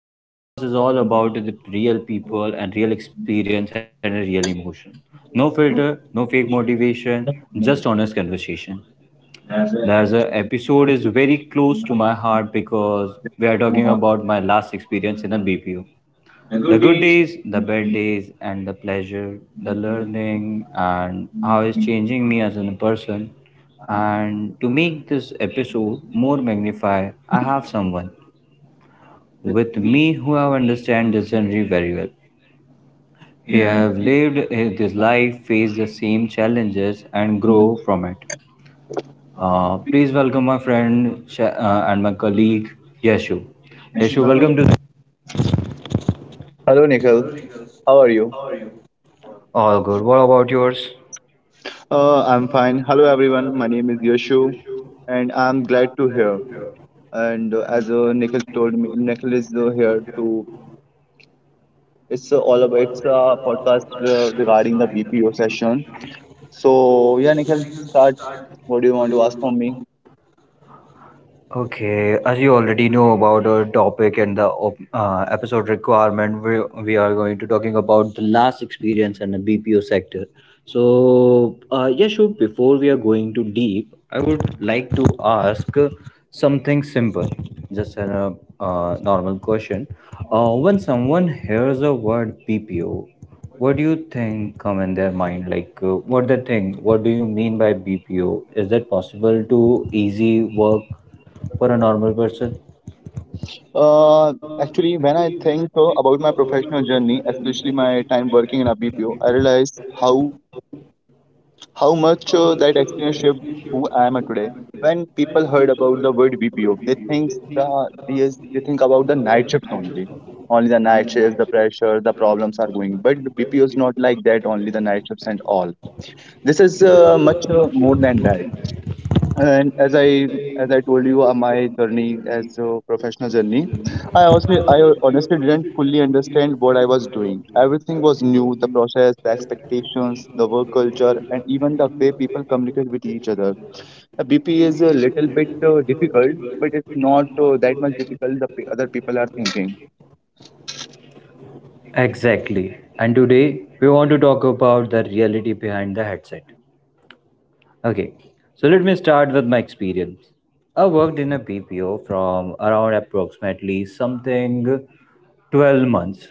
This podcast is all about the real people and real experience and real emotion. No filter, no fake motivation, just honest conversation. There's a episode is very close to my heart because we are talking about my last experience in a BPO. The good days, the bad days, and the pleasure, the learning, and how it's changing me as a person. And to make this episode more magnified, I have someone with me who have understand this journey very well. He have lived his this life, faced the same challenges, and grow from it. Please welcome my friend and my colleague Yashu. Yashu, welcome to. The- Hello, Nikhil. How are you? All good. What about yours? I'm fine. Hello, everyone. My name is Yashu, and I'm glad to hear. And as Nikhil told me, Nikhil is here to. It's all about. It's a podcast regarding the BPO session. So yeah, Nikhil, start. What do you want to ask from me? Okay, as you already know about our topic and the episode requirement, we are going to talking about the last experience in the BPO sector. So, yeah, sure. Before we are going to deep, I would like to ask something simple, just a normal question. When someone hears the word BPO, what do you think come in their mind? Like, what they think? What do you mean by BPO? Is that possible to easy work for a normal person? Actually, when I think about my professional journey, especially my time working in a BPO, I realize how much that experience shaped who I am today. When people heard about the word BPO, they think they think about the night shifts only, only the night shifts, the pressure, the problems are going. But the BPO is not like that. Only the night shifts and all. This is much more than that, and as I told you, my journey as a professional journey, I also I honestly didn't fully understand what I was doing. Everything was new: the process, the expectations, the work culture, and even the way people communicate with each other. The bp is a little bit difficult, but it's not that much difficult the other people are thinking. Exactly. And today we want to talk about the reality behind the headset. Okay, so let me start with my experience. I worked in a BPO from around approximately something 12 months.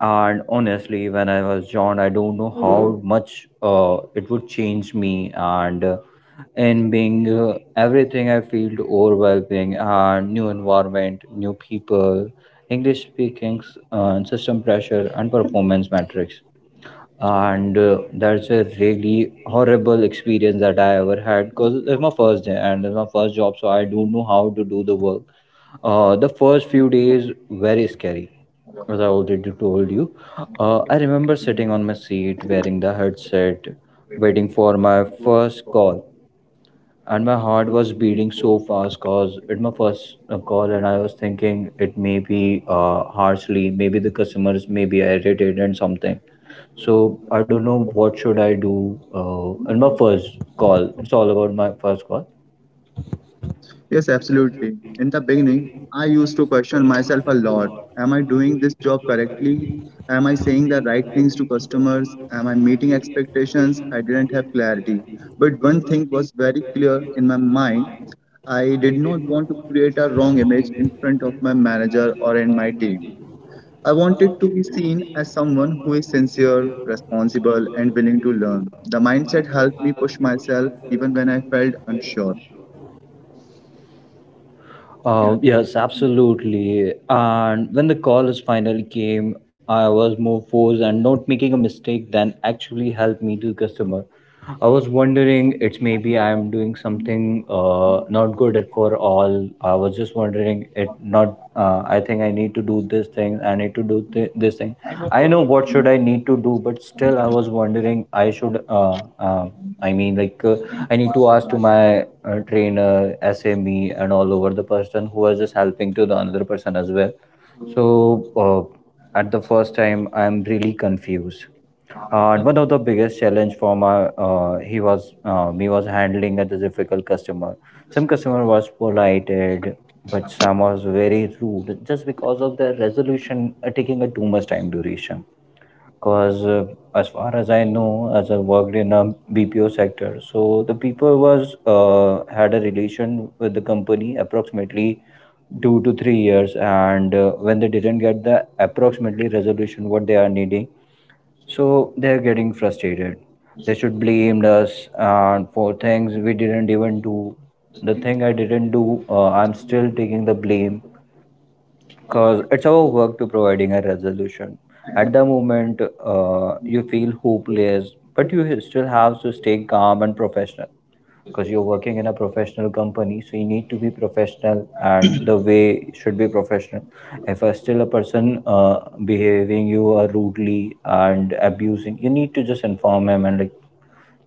And honestly, when I was joined, I don't know how much it would change me. And in being everything, I felt overwhelming and new environment, new people, English speaking, system pressure, and performance metrics and that's a really horrible experience that I ever had because it's my first day and it's my first job, so I don't know how to do the work. The first few days very scary, as I already told you. I remember sitting on my seat wearing the headset, waiting for my first call and my heart was beating so fast cause it my first call, and I was thinking it may be harshly, maybe the customers may be irritated and something. So I don't know what should I do in my first call. It's all about my first call. Yes, absolutely. In the beginning, I used to question myself a lot. Am I doing this job correctly? Am I saying the right things to customers? Am I meeting expectations? I didn't have clarity. But one thing was very clear in my mind: I did not want to create a wrong image in front of my manager or in my team. I wanted to be seen as someone who is sincere, responsible, and willing to learn. The mindset helped me push myself even when I felt unsure. Yes, absolutely. And when the call is finally came, I was more forced and not making a mistake than actually helped me to customer. I was wondering, it's maybe I'm doing something not good at for all. I was just wondering, it not. I think I need to do this thing. I need to do this thing. I know what should I need to do, but still, I was wondering. I should. I mean, like, I need to ask to my trainer, SME, and all over the person who was just helping to the another person as well. So, at the first time, I'm really confused. And one of the biggest challenge for my he was me was handling at the difficult customer. Some customer was polite, but some was very rude just because of the resolution taking a too much time duration because as far as I know, as I worked in a BPO sector, so the people was had a relation with the company approximately 2 to 3 years, and when they didn't get the approximately resolution what they are needing, so they're getting frustrated, they should blame us and for things we didn't even do. The thing I didn't do, I'm still taking the blame because it's our work to providing a resolution. At the moment, you feel hopeless, but you still have to stay calm and professional because you're working in a professional company, so you need to be professional and the way should be professional. If a still a person behaving you rudely and abusing, you need to just inform him, and like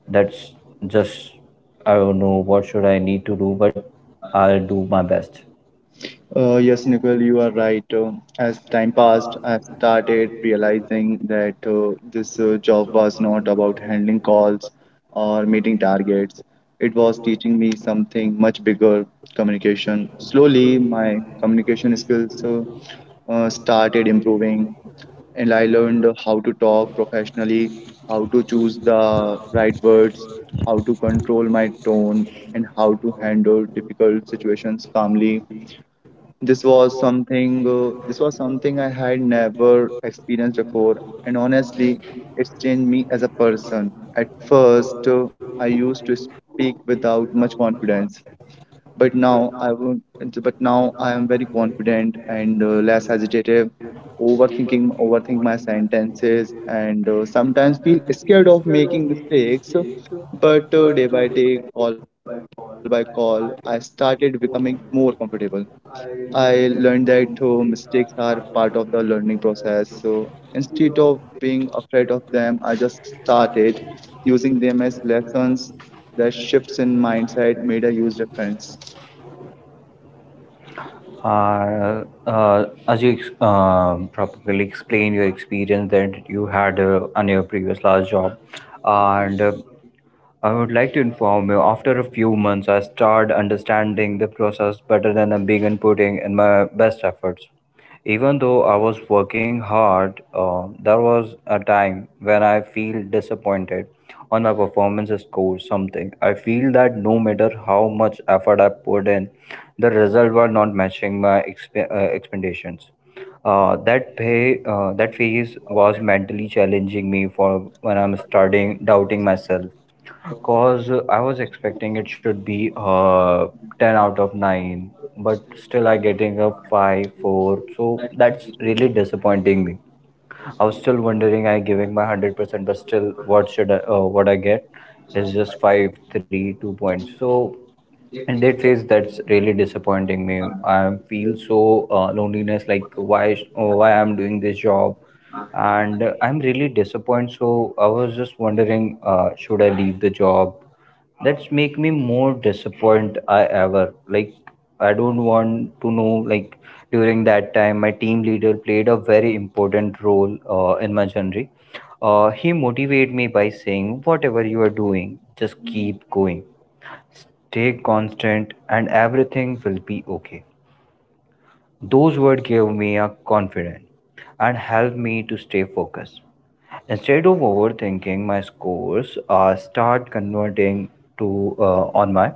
that's just, I don't know what should I need to do, but I'll do my best. Yes, Nicole, you are right. As time passed, I started realizing that this job was not about handling calls or meeting targets. It was teaching me something much bigger: communication. Slowly, my communication skills started improving, and I learned how to talk professionally, how to choose the right words, how to control my tone, and how to handle difficult situations calmly. This was something I had never experienced before, and honestly, it's changed me as a person. At first, I used to speak without much confidence, but now I won't, but now I am very confident and less hesitative, overthink my sentences, and sometimes feel scared of making mistakes. But day by day, call by call, I started becoming more comfortable. I learned that mistakes are part of the learning process. So instead of being afraid of them, I just started using them as lessons. The shifts in mindset made a huge difference. As you properly explained your experience that you had on your previous last job, and I would like to inform you after a few months, I started understanding the process better than I began putting in my best efforts. Even though I was working hard, there was a time when I feel disappointed on my performance score something. I feel that no matter how much effort I put in, the result were not matching my expectations. That phase was mentally challenging me for when I'm starting doubting myself. Cause I was expecting it should be 10 out of 9, but still I getting a 5, 4. So that's really disappointing me. I was still wondering I giving my 100%, but still what should I what I get is just 5 3 2 points. So and that phase that's really disappointing me. I feel so loneliness, like why why I'm doing this job. And I'm really disappointed, so I was just wondering should I leave the job. That's make me more disappointed I ever, like I don't want to know, like during that time my team leader played a very important role in my journey. He motivated me by saying whatever you are doing, just keep going. Stay constant and everything will be okay. Those words gave me a confidence and helped me to stay focused. Instead of overthinking my scores, I start converting to on my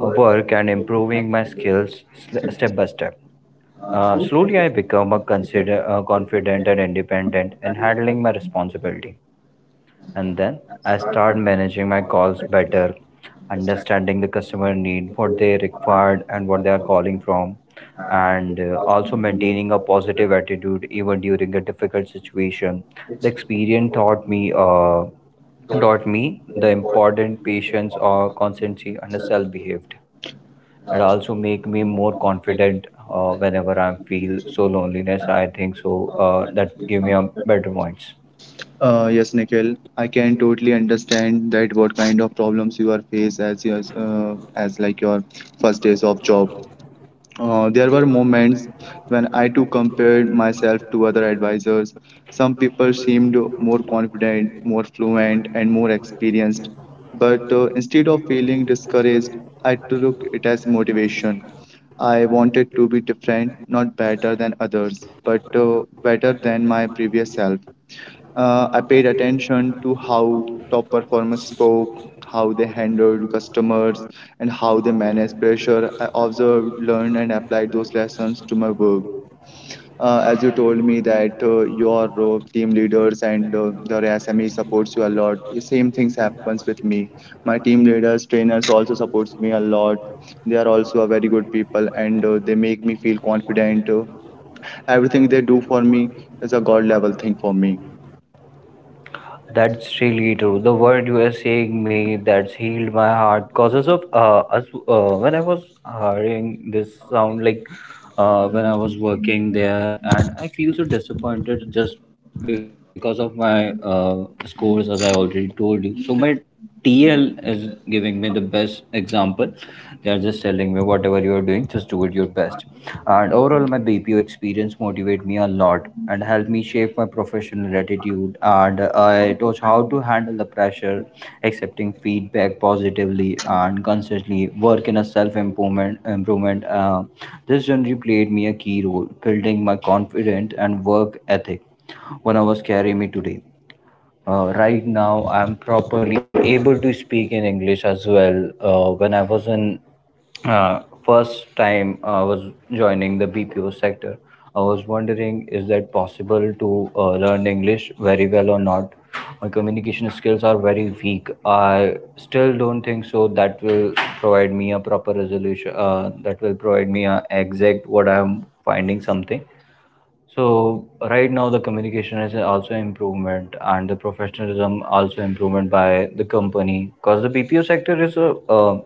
work and improving my skills step by step. Slowly, I become a consider confident and independent in handling my responsibility. And then I start managing my calls better, understanding the customer need, what they required, and what they are calling from, and also maintaining a positive attitude even during a difficult situation. The experience taught me taught me the important patience or constancy and self behaved. It also make me more confident whenever I feel so loneliness. I think so that give me a better points. Yes, Nikhil, I can totally understand that what kind of problems you are faced as your, as like your first days of job. There were moments when I too compared myself to other advisors. Some people seemed more confident, more fluent, and more experienced. But instead of feeling discouraged, I took it as motivation. I wanted to be different, not better than others, but better than my previous self. I paid attention to how top performers spoke, how they handled customers, and how they managed pressure. I observed, learned, and applied those lessons to my work. As you told me that your team leaders and the SME supports you a lot, the same things happens with me. My team leaders, trainers also supports me a lot. They are also a very good people, and they make me feel confident. Everything they do for me is a god level thing for me. That's really true. The word you are saying me that's healed my heart. Causes of us when I was hearing this sound, like when I was working there, and I feel so disappointed just because of my scores, as I already told you. So my TL is giving me the best example. They are just telling me whatever you are doing, just do it your best. And overall, my BPO experience motivated me a lot and helped me shape my professional attitude. And it was how to handle the pressure, accepting feedback positively, and constantly work in a self improvement. Improvement. This journey played me a key role, building my confidence and work ethic. One of us carry me today. Right now, I'm properly able to speak in English as well. When I was in first time I was joining the BPO sector, I was wondering is that possible to learn English very well or not? My communication skills are very weak. I still don't think so. That will provide me a proper resolution. That will provide me a exact what I'm finding something. So right now the communication is also improvement and the professionalism also improvement by the company because the BPO sector is a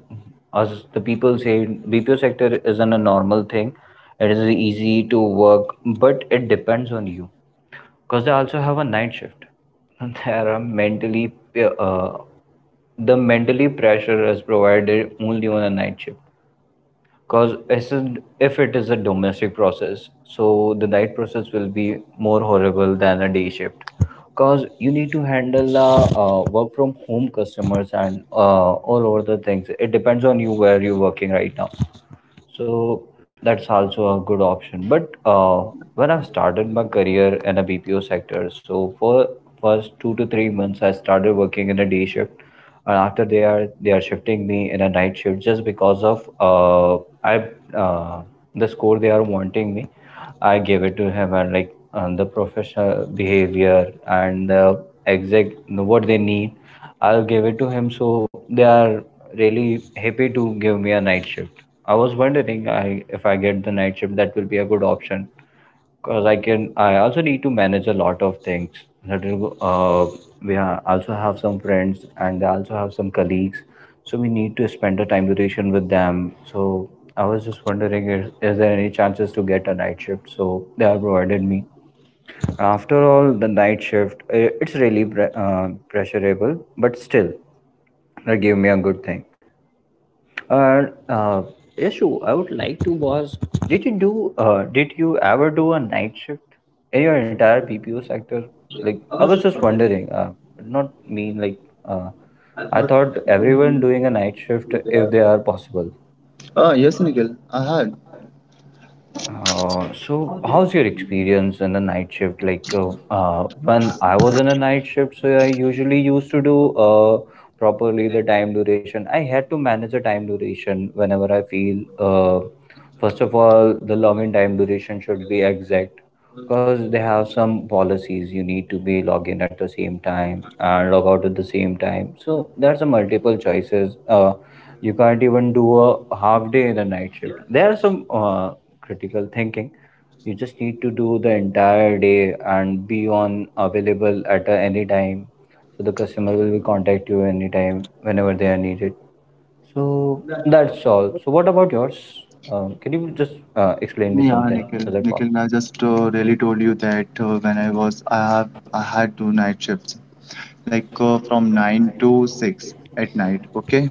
as the people say BPO sector isn't a normal thing. It is easy to work, but it depends on you because they also have a night shift. There are mentally uh, the mentally pressure is provided only on a night shift because if it is a domestic process, so the night process will be more horrible than a day shift because you need to handle work from home customers and all over the things it depends on you where you're working right now. So that's also a good option. But when I started my career in a BPO sector, so for first 2 to 3 months, I started working in a day shift, and after they are shifting me in a night shift just because of I uh, the score they are wanting me. I gave it to him, and like, and the professional behavior and the exact what they need, I'll give it to him. So they are really happy to give me a night shift. I was wondering I, if I get the night shift, that will be a good option because I can. I also need to manage a lot of things. That will, we also have some friends and I also have some colleagues, so we need to spend a time duration with them. So I was just wondering, is there any chances to get a night shift? So they have provided me. After all, the night shift, it's really pressurable, but still, that gave me a good thing. And Yashu, I would like to was did you do did you ever do a night shift in your entire BPO sector? Like I was just wondering, not mean like uh, I thought everyone doing a night shift if they are possible. Yes, Nikhil, I had. So how's your experience in the night shift? Like when I was in a night shift, so I usually used to do properly the time duration. I had to manage the time duration whenever I feel. First of all, the login time duration should be exact because they have some policies. You need to be log in at the same time and log out at the same time. So there's a multiple choices. You can't even do a half day in a night shift. There are some critical thinking, you just need to do the entire day and be on available at a, any time, so the customer will be contact you anytime whenever they are needed. So that's all. So what about yours? Um, can you just explain me Yeah, something, Nikhil. is that Nikhil, possible? I just really told you that when I was, I have, I had two night shifts, like from 9 to 6 at night. Okay,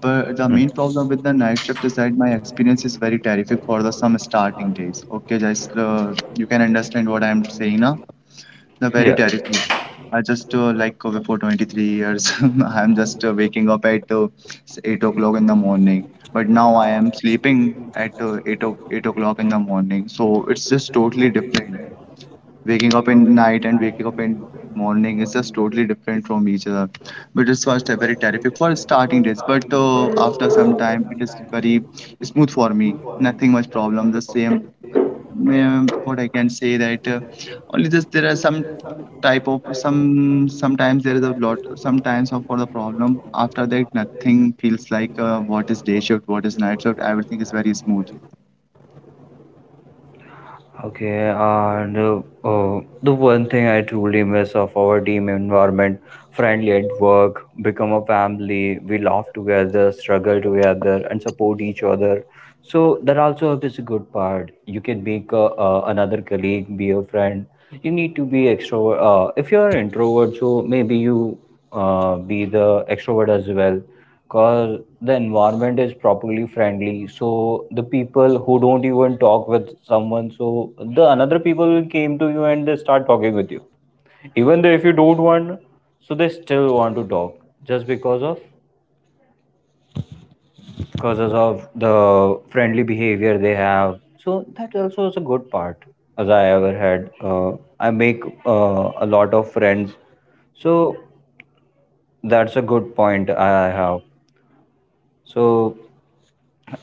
but the main Hmm. problem with the night shift is that my experience is very terrific for the some starting days. Okay, just you can understand what I am saying now. No, very Yeah. terrible. I just like for 23 years, I'm just waking up at 8 o'clock in the morning. But now I am sleeping at 8, 8 o'clock in the morning. So it's just totally different. Waking up in night and waking up in morning is just totally different from each other. But it's was very terrific for starting days. But after some time, it is very smooth for me. Nothing much problem. The same, what I can say that. Only just there are some type of some sometimes there is a lot sometimes of for the problem. After that nothing feels like what is day shift, what is night shift, everything is very smooth. Okay, and the one thing I truly miss of our team environment, friendly at work, become a family. We laugh together, struggle together, and support each other. So that also is a good part. You can make another colleague, be a friend. You need to be extrovert. If you're an introvert, so maybe you be the extrovert as well, because the environment is properly friendly. So the people who don't even talk with someone, so the another people will came to you and they start talking with you, even though if you don't want, so they still want to talk just because of the friendly behavior they have. So that also is a good part as I ever had. I make a lot of friends. So that's a good point I have. So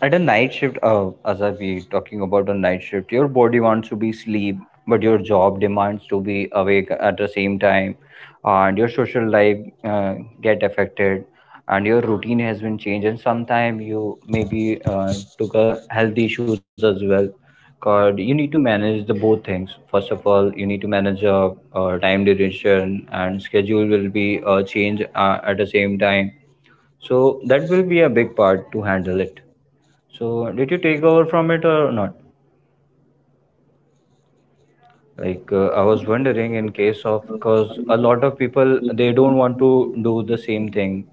at a night shift, as I be talking about a night shift, your body wants to be sleep, but your job demands to be awake at the same time, and your social life uh, get affected, and your routine has been changed, and sometimes you maybe took a health issues as well. Cause you need to manage the both things. First of all, you need to manage time duration and schedule will be changed at the same time. So that will be a big part to handle it. So, did you take over from it or not? Like, I was wondering in case of because a lot of people they don't want to do the same thing,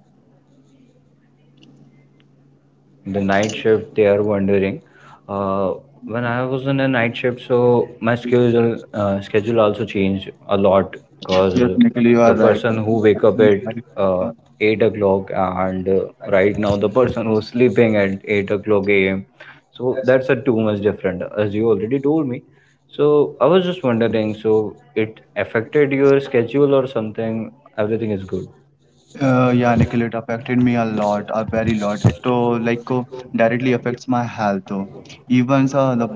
the night shift they are wondering. Uh, when I was in a night shift, so my schedule also changed a lot Yes, because Nikhil, you the are right. person who wake up at uh, 8 o'clock, and right now the person who's sleeping at 8 o'clock am, so that's a too much different, as you already told me. So I was just wondering, so it affected your schedule or something? Everything is good. Yeah, Nikhil, it affected me a lot, a very lot. It like Directly affects my health. Even uh, the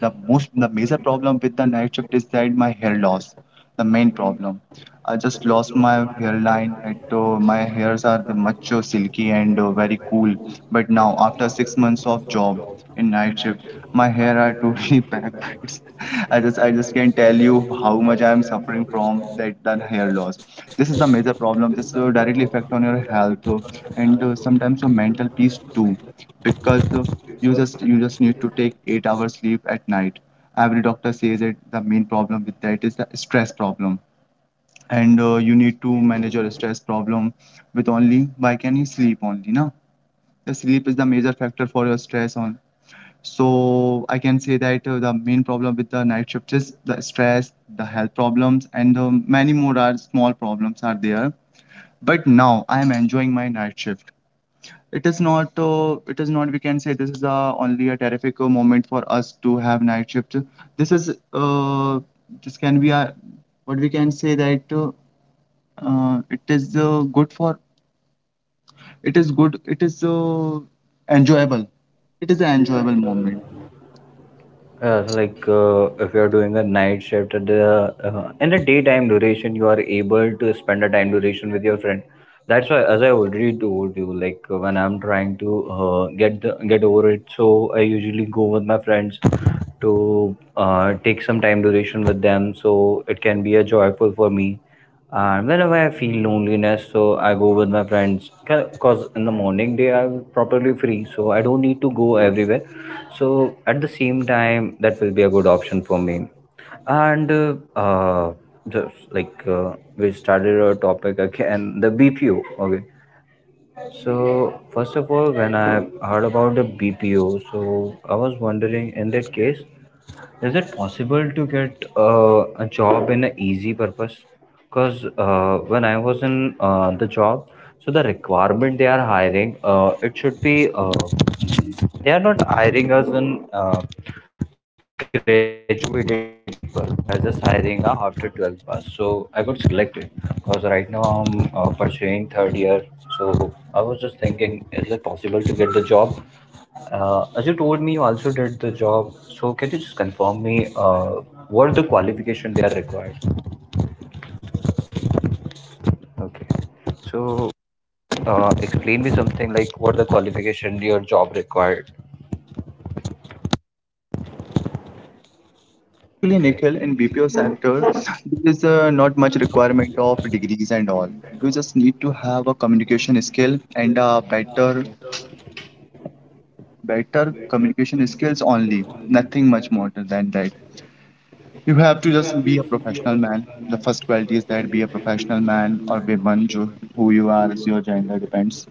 the most the major problem with the night shift is that my hair loss, the main problem. I just lost my hairline. It My hairs are the much silky and very cool. But now after 6 months of job in night shift, my hair are totally backwards. I just can't tell you how much I am suffering from that hair loss. This is the major problem. This directly affect on your health, and sometimes your mental peace too, because you just need to take 8 hours sleep at night. Every doctor says it. The main problem with that is the stress problem, and you need to manage your stress problem with only by can you sleep only now. The sleep is the major factor for your stress on. So I can say that the main problem with the night shift is the stress, the health problems, and many more are small problems are there. But now I am enjoying my night shift. It is not, we can say, this is only a terrific moment for us to have night shift. this is uh, this can be a, what we can say that, it is good for, it is good, it is enjoyable, it is an enjoyable moment. So, like if you are doing a night shift at the in the daytime duration, you are able to spend a time duration with your friend. That's why, as I already told you, like when I'm trying to get the, get over it, so I usually go with my friends to take some time duration with them. So it can be a joyful for me. And whenever I feel loneliness, so I go with my friends. Cause in the morning they are properly free, so I don't need to go everywhere, so at the same time, that will be a good option for me. And uh, uh, just like we started our topic again, the BPO. Okay. So first of all, when I heard about the BPO, so I was wondering in that case, is it possible to get a job in an easy purpose? Because when I was in the job, so the requirement they are hiring, it should be they are not hiring us in graduated people. They are just hiring a after 12th pass. So I got selected because right now I'm pursuing third year. So I was just thinking, is it possible to get the job as you told me, you also did the job. So can you just confirm me what the qualification they are required? Okay. So explain me something, like what the qualification your job required. Actually, Nikhil, Okay. in BPO sector there is not much requirement of degrees and all. You just need to have a communication skill and a better communication skills, only, nothing much more than that, right? You have to just be a professional man. The first quality is that be a professional man or woman, who you are is your gender depends.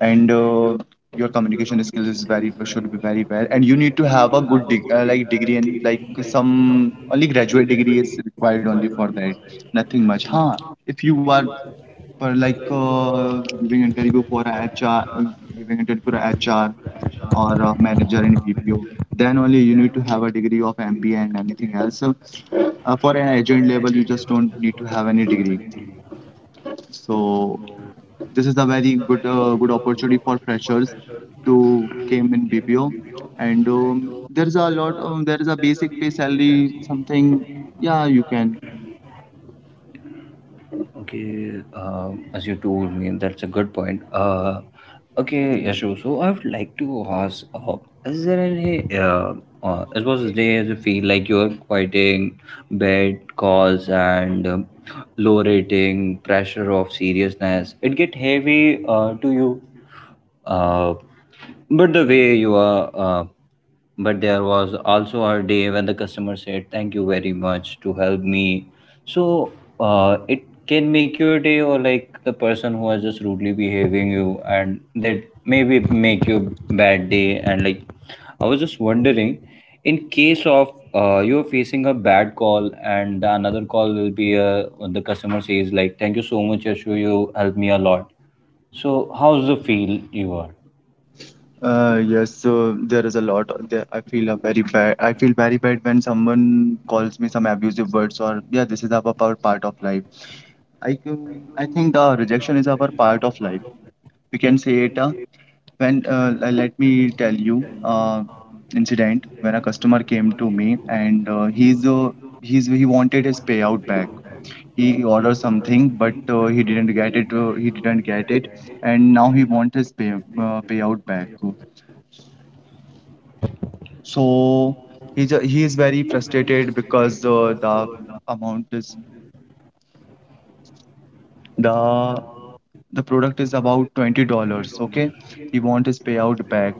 And your communication skills is very should be very well, and you need to have a good degree, and like some only graduate degree is required only for that, nothing much, huh. If you are, for like giving interview for a HR or a manager in BPO, then only you need to have a degree of MBA and anything else. So, for an agent level, you just don't need to have any degree. So this is a very good good opportunity for freshers to came in BPO, and there is a lot. There is a basic pay salary something. Yeah, you can. Okay, as you told me, that's a good point. Okay, Yashu, so I would like to ask, is there any, uh, as was the day as you feel like you're fighting bad calls and low rating, pressure of seriousness, it get heavy to you? Uh, but the way you are, But there was also a day when the customer said, "Thank you very much to help me." So it can make your day, or like the person who was just rudely behaving you, and that maybe make you bad day. And like, I was just wondering, in case of you're facing a bad call, and the another call will be when the customer says like, "Thank you so much, Yashu, you helped me a lot." So how's the feel you are? Yes, so there is a lot. There, I feel a very bad. I feel very bad when someone calls me some abusive words or yeah, this is a part of life. I think the rejection is our part of life. We can say it let me tell you incident when a customer came to me and he wanted his payout back. He ordered something, but he didn't get it. He didn't get it, and now he wants his payout back. So he is very frustrated because amount is the the product is about $20. Okay, he want his payout back,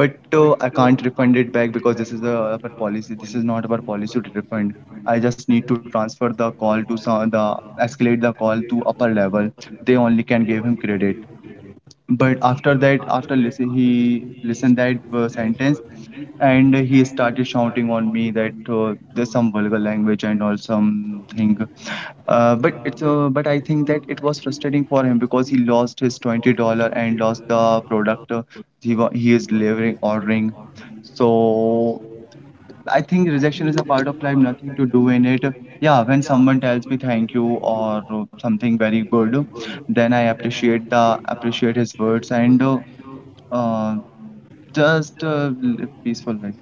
but I can't refund it back because this is the our policy, this is not our policy to refund. I just need to transfer the call to some the escalate the call to upper level. They only can give him credit. But after that, after listen he listened that sentence, and he started shouting on me that there's some vulgar language and all something. But I think that it was frustrating for him because he lost his $20 and lost the product, he is delivering ordering. So I think rejection is a part of life, nothing to do in it. Yeah, when someone tells me thank you or something very good, then I appreciate his words, and uh, just live peaceful life.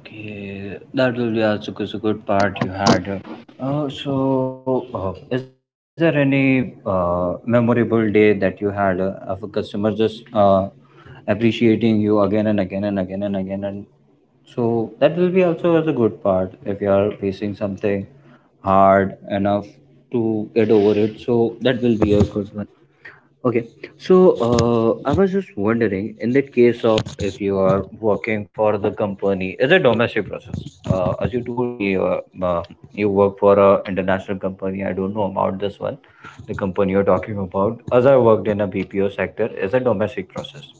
Okay, that will be also a good part you had. So, is there any memorable day that you had of a customer just appreciating you again and again and again and again? And so that will be also as a good part if you are facing something hard enough to get over it. So that will be a good one. Okay, so I was just wondering, in that case of if you are working for the company, it's a domestic process. As you told me, you work for a international company. I don't know about this one, the company you're talking about. As I worked in a BPO sector, it's a domestic process.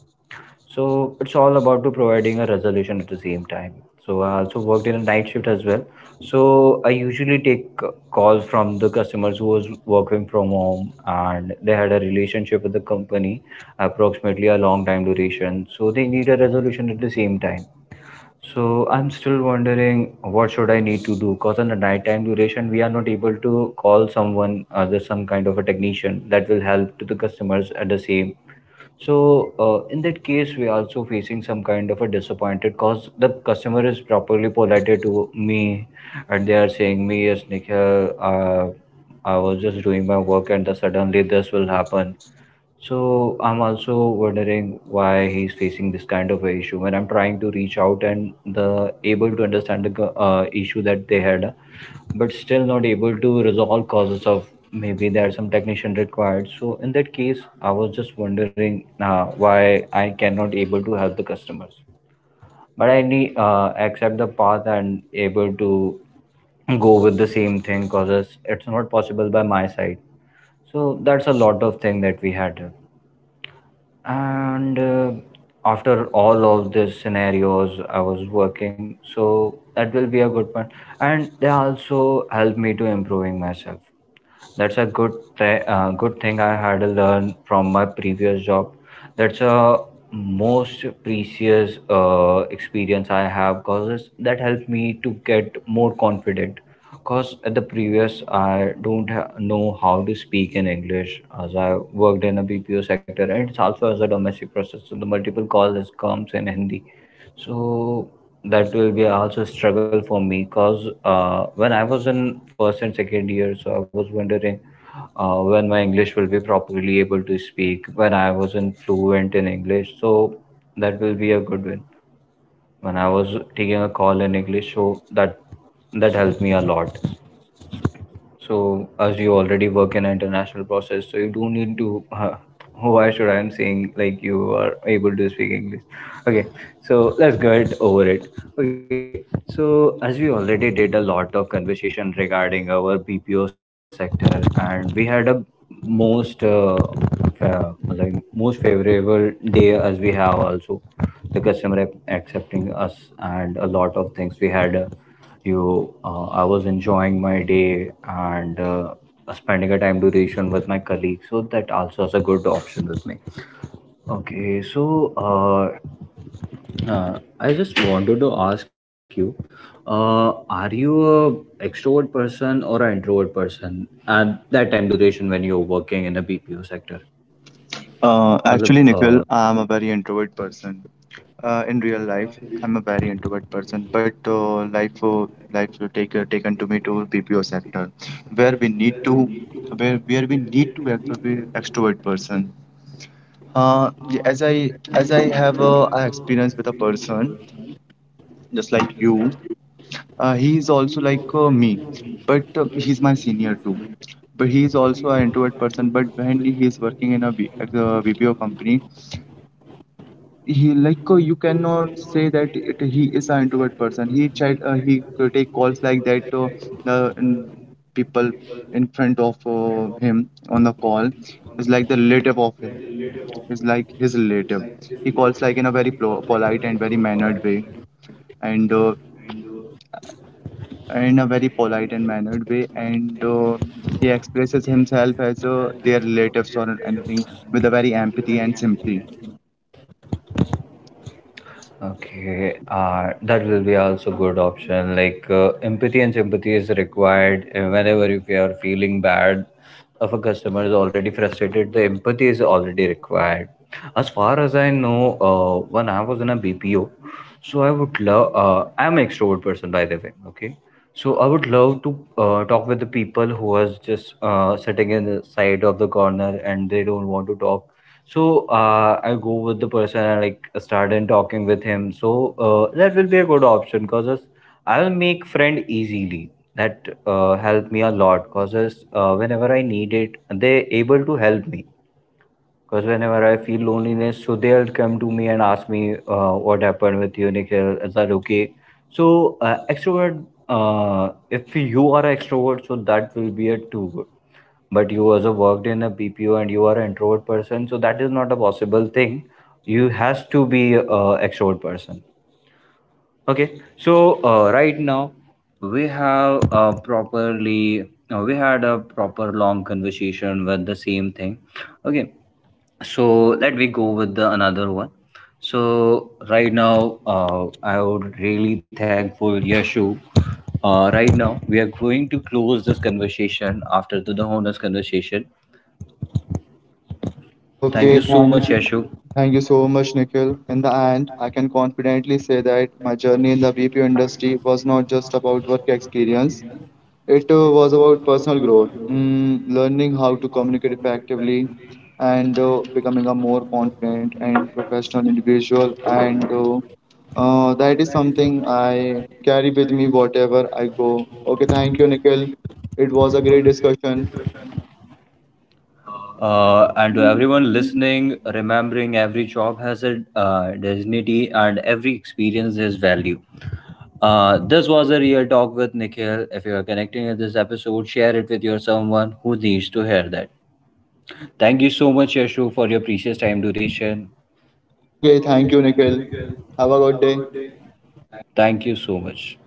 So it's all about to providing a resolution at the same time. So I also worked in a night shift as well. So I usually take calls from the customers who was working from home and they had a relationship with the company, approximately a long time duration. So they need a resolution at the same time. So I'm still wondering, what should I need to do? Cause on the night time duration, we are not able to call someone, there's some kind of a technician that will help to the customers at the same. So in that case, we are also facing some kind of a disappointed because the customer is properly polite to me, and they are saying me, yes, Nikhil, I was just doing my work, and the, suddenly this will happen. So I'm also wondering why he's facing this kind of a issue. When I'm trying to reach out and the able to understand the issue that they had, but still not able to resolve causes of maybe there are some technician required. So in that case I was just wondering, why I cannot able to help the customers, but I need accept the path and able to go with the same thing because it's not possible by my side. So that's a lot of thing that we had, and after all of these scenarios I was working, so that will be a good one, and they also helped me to improving myself. That's a good good thing I had to learn from my previous job. That's a most precious experience I have because that helped me to get more confident. Cause at the previous I don't know how to speak in English, as I worked in a BPO sector and it's also as a domestic process. So the multiple calls comes in Hindi. So that will be also a struggle for me, because when I was in first and second year, so I was wondering when my English will be properly able to speak, when I wasn't fluent in English. So that will be a good win. When I was taking a call in English, so that helped me a lot. So, as you already work in an international process, so you do need to. Why should I'm saying like you are able to speak English? Okay, so let's get over it. Okay, so as we already did a lot of conversation regarding our BPO sector, and we had a most uh, like most favorable day, as we have also the customer accepting us and a lot of things we had. You I was enjoying my day and spending a time duration with my colleague, so that also is a good option with me. Okay, so uh, I just wanted to ask you, are you a extrovert person or an introvert person at that time duration when you're working in a BPO sector? मतलब Actually, Nikhil, I'm a very introvert person. In real life, I'm a very introvert person, but life will taken to me to BPO sector, where we need to where we need to be extrovert person. As I have a experience with a person just like you, he is also like me, but he's my senior too. But he is also an introvert person. But when he is working in a BPO company, he like you cannot say that it, he is an introvert person. He tried he could take calls like that. The n- People in front of him on the call is like the relative of him, is like his relative. He calls like in a very polite and very mannered way, and in a very polite and mannered way, and he expresses himself as their relatives or anything with a very empathy and sympathy. okay, that will be also good option. Like empathy and sympathy is required whenever if you are feeling bad, if a customer is already frustrated, the empathy is already required. As far as I know, when I was in a BPO, so I would love. I'm an extrovert person, by the way. Okay, so I would love to talk with the people who was just sitting in the side of the corner and they don't want to talk. So I go with the person and like started talking with him. So that will be a good option because I will make friend easily. That helped me a lot because whenever I need it, they able to help me. Because whenever I feel loneliness, so they'll come to me and ask me, what happened with you, Nikhil? Is that okay? So extrovert, if you are an extrovert, so that will be a two, but you also worked in a BPO and you are an introvert person, so that is not a possible thing. You has to be a extrovert person. Okay, so right now we have properly we had a proper long conversation with the same thing. Okay, so let me go with the another one. So right now I would really thankful Yashu. Right now we are going to close this conversation after the honest conversation. Thank you Okay, so thank much, you. Ashok. Thank you so much, Nikhil. In the end, I can confidently say that my journey in the BPO industry was not just about work experience. It was about personal growth, mm, learning how to communicate effectively, and becoming a more confident and professional individual. And That is something I carry with me whatever I go. Okay, thank you, Nikhil. It was a great discussion. And to everyone listening, remembering every job has a dignity and every experience has value. This was a real talk with Nikhil. If you are connecting with this episode, share it with your someone who needs to hear that. Thank you so much, Yashu, for your precious time duration. Okay, thank you, Nikhil. Have a good day. Thank you so much.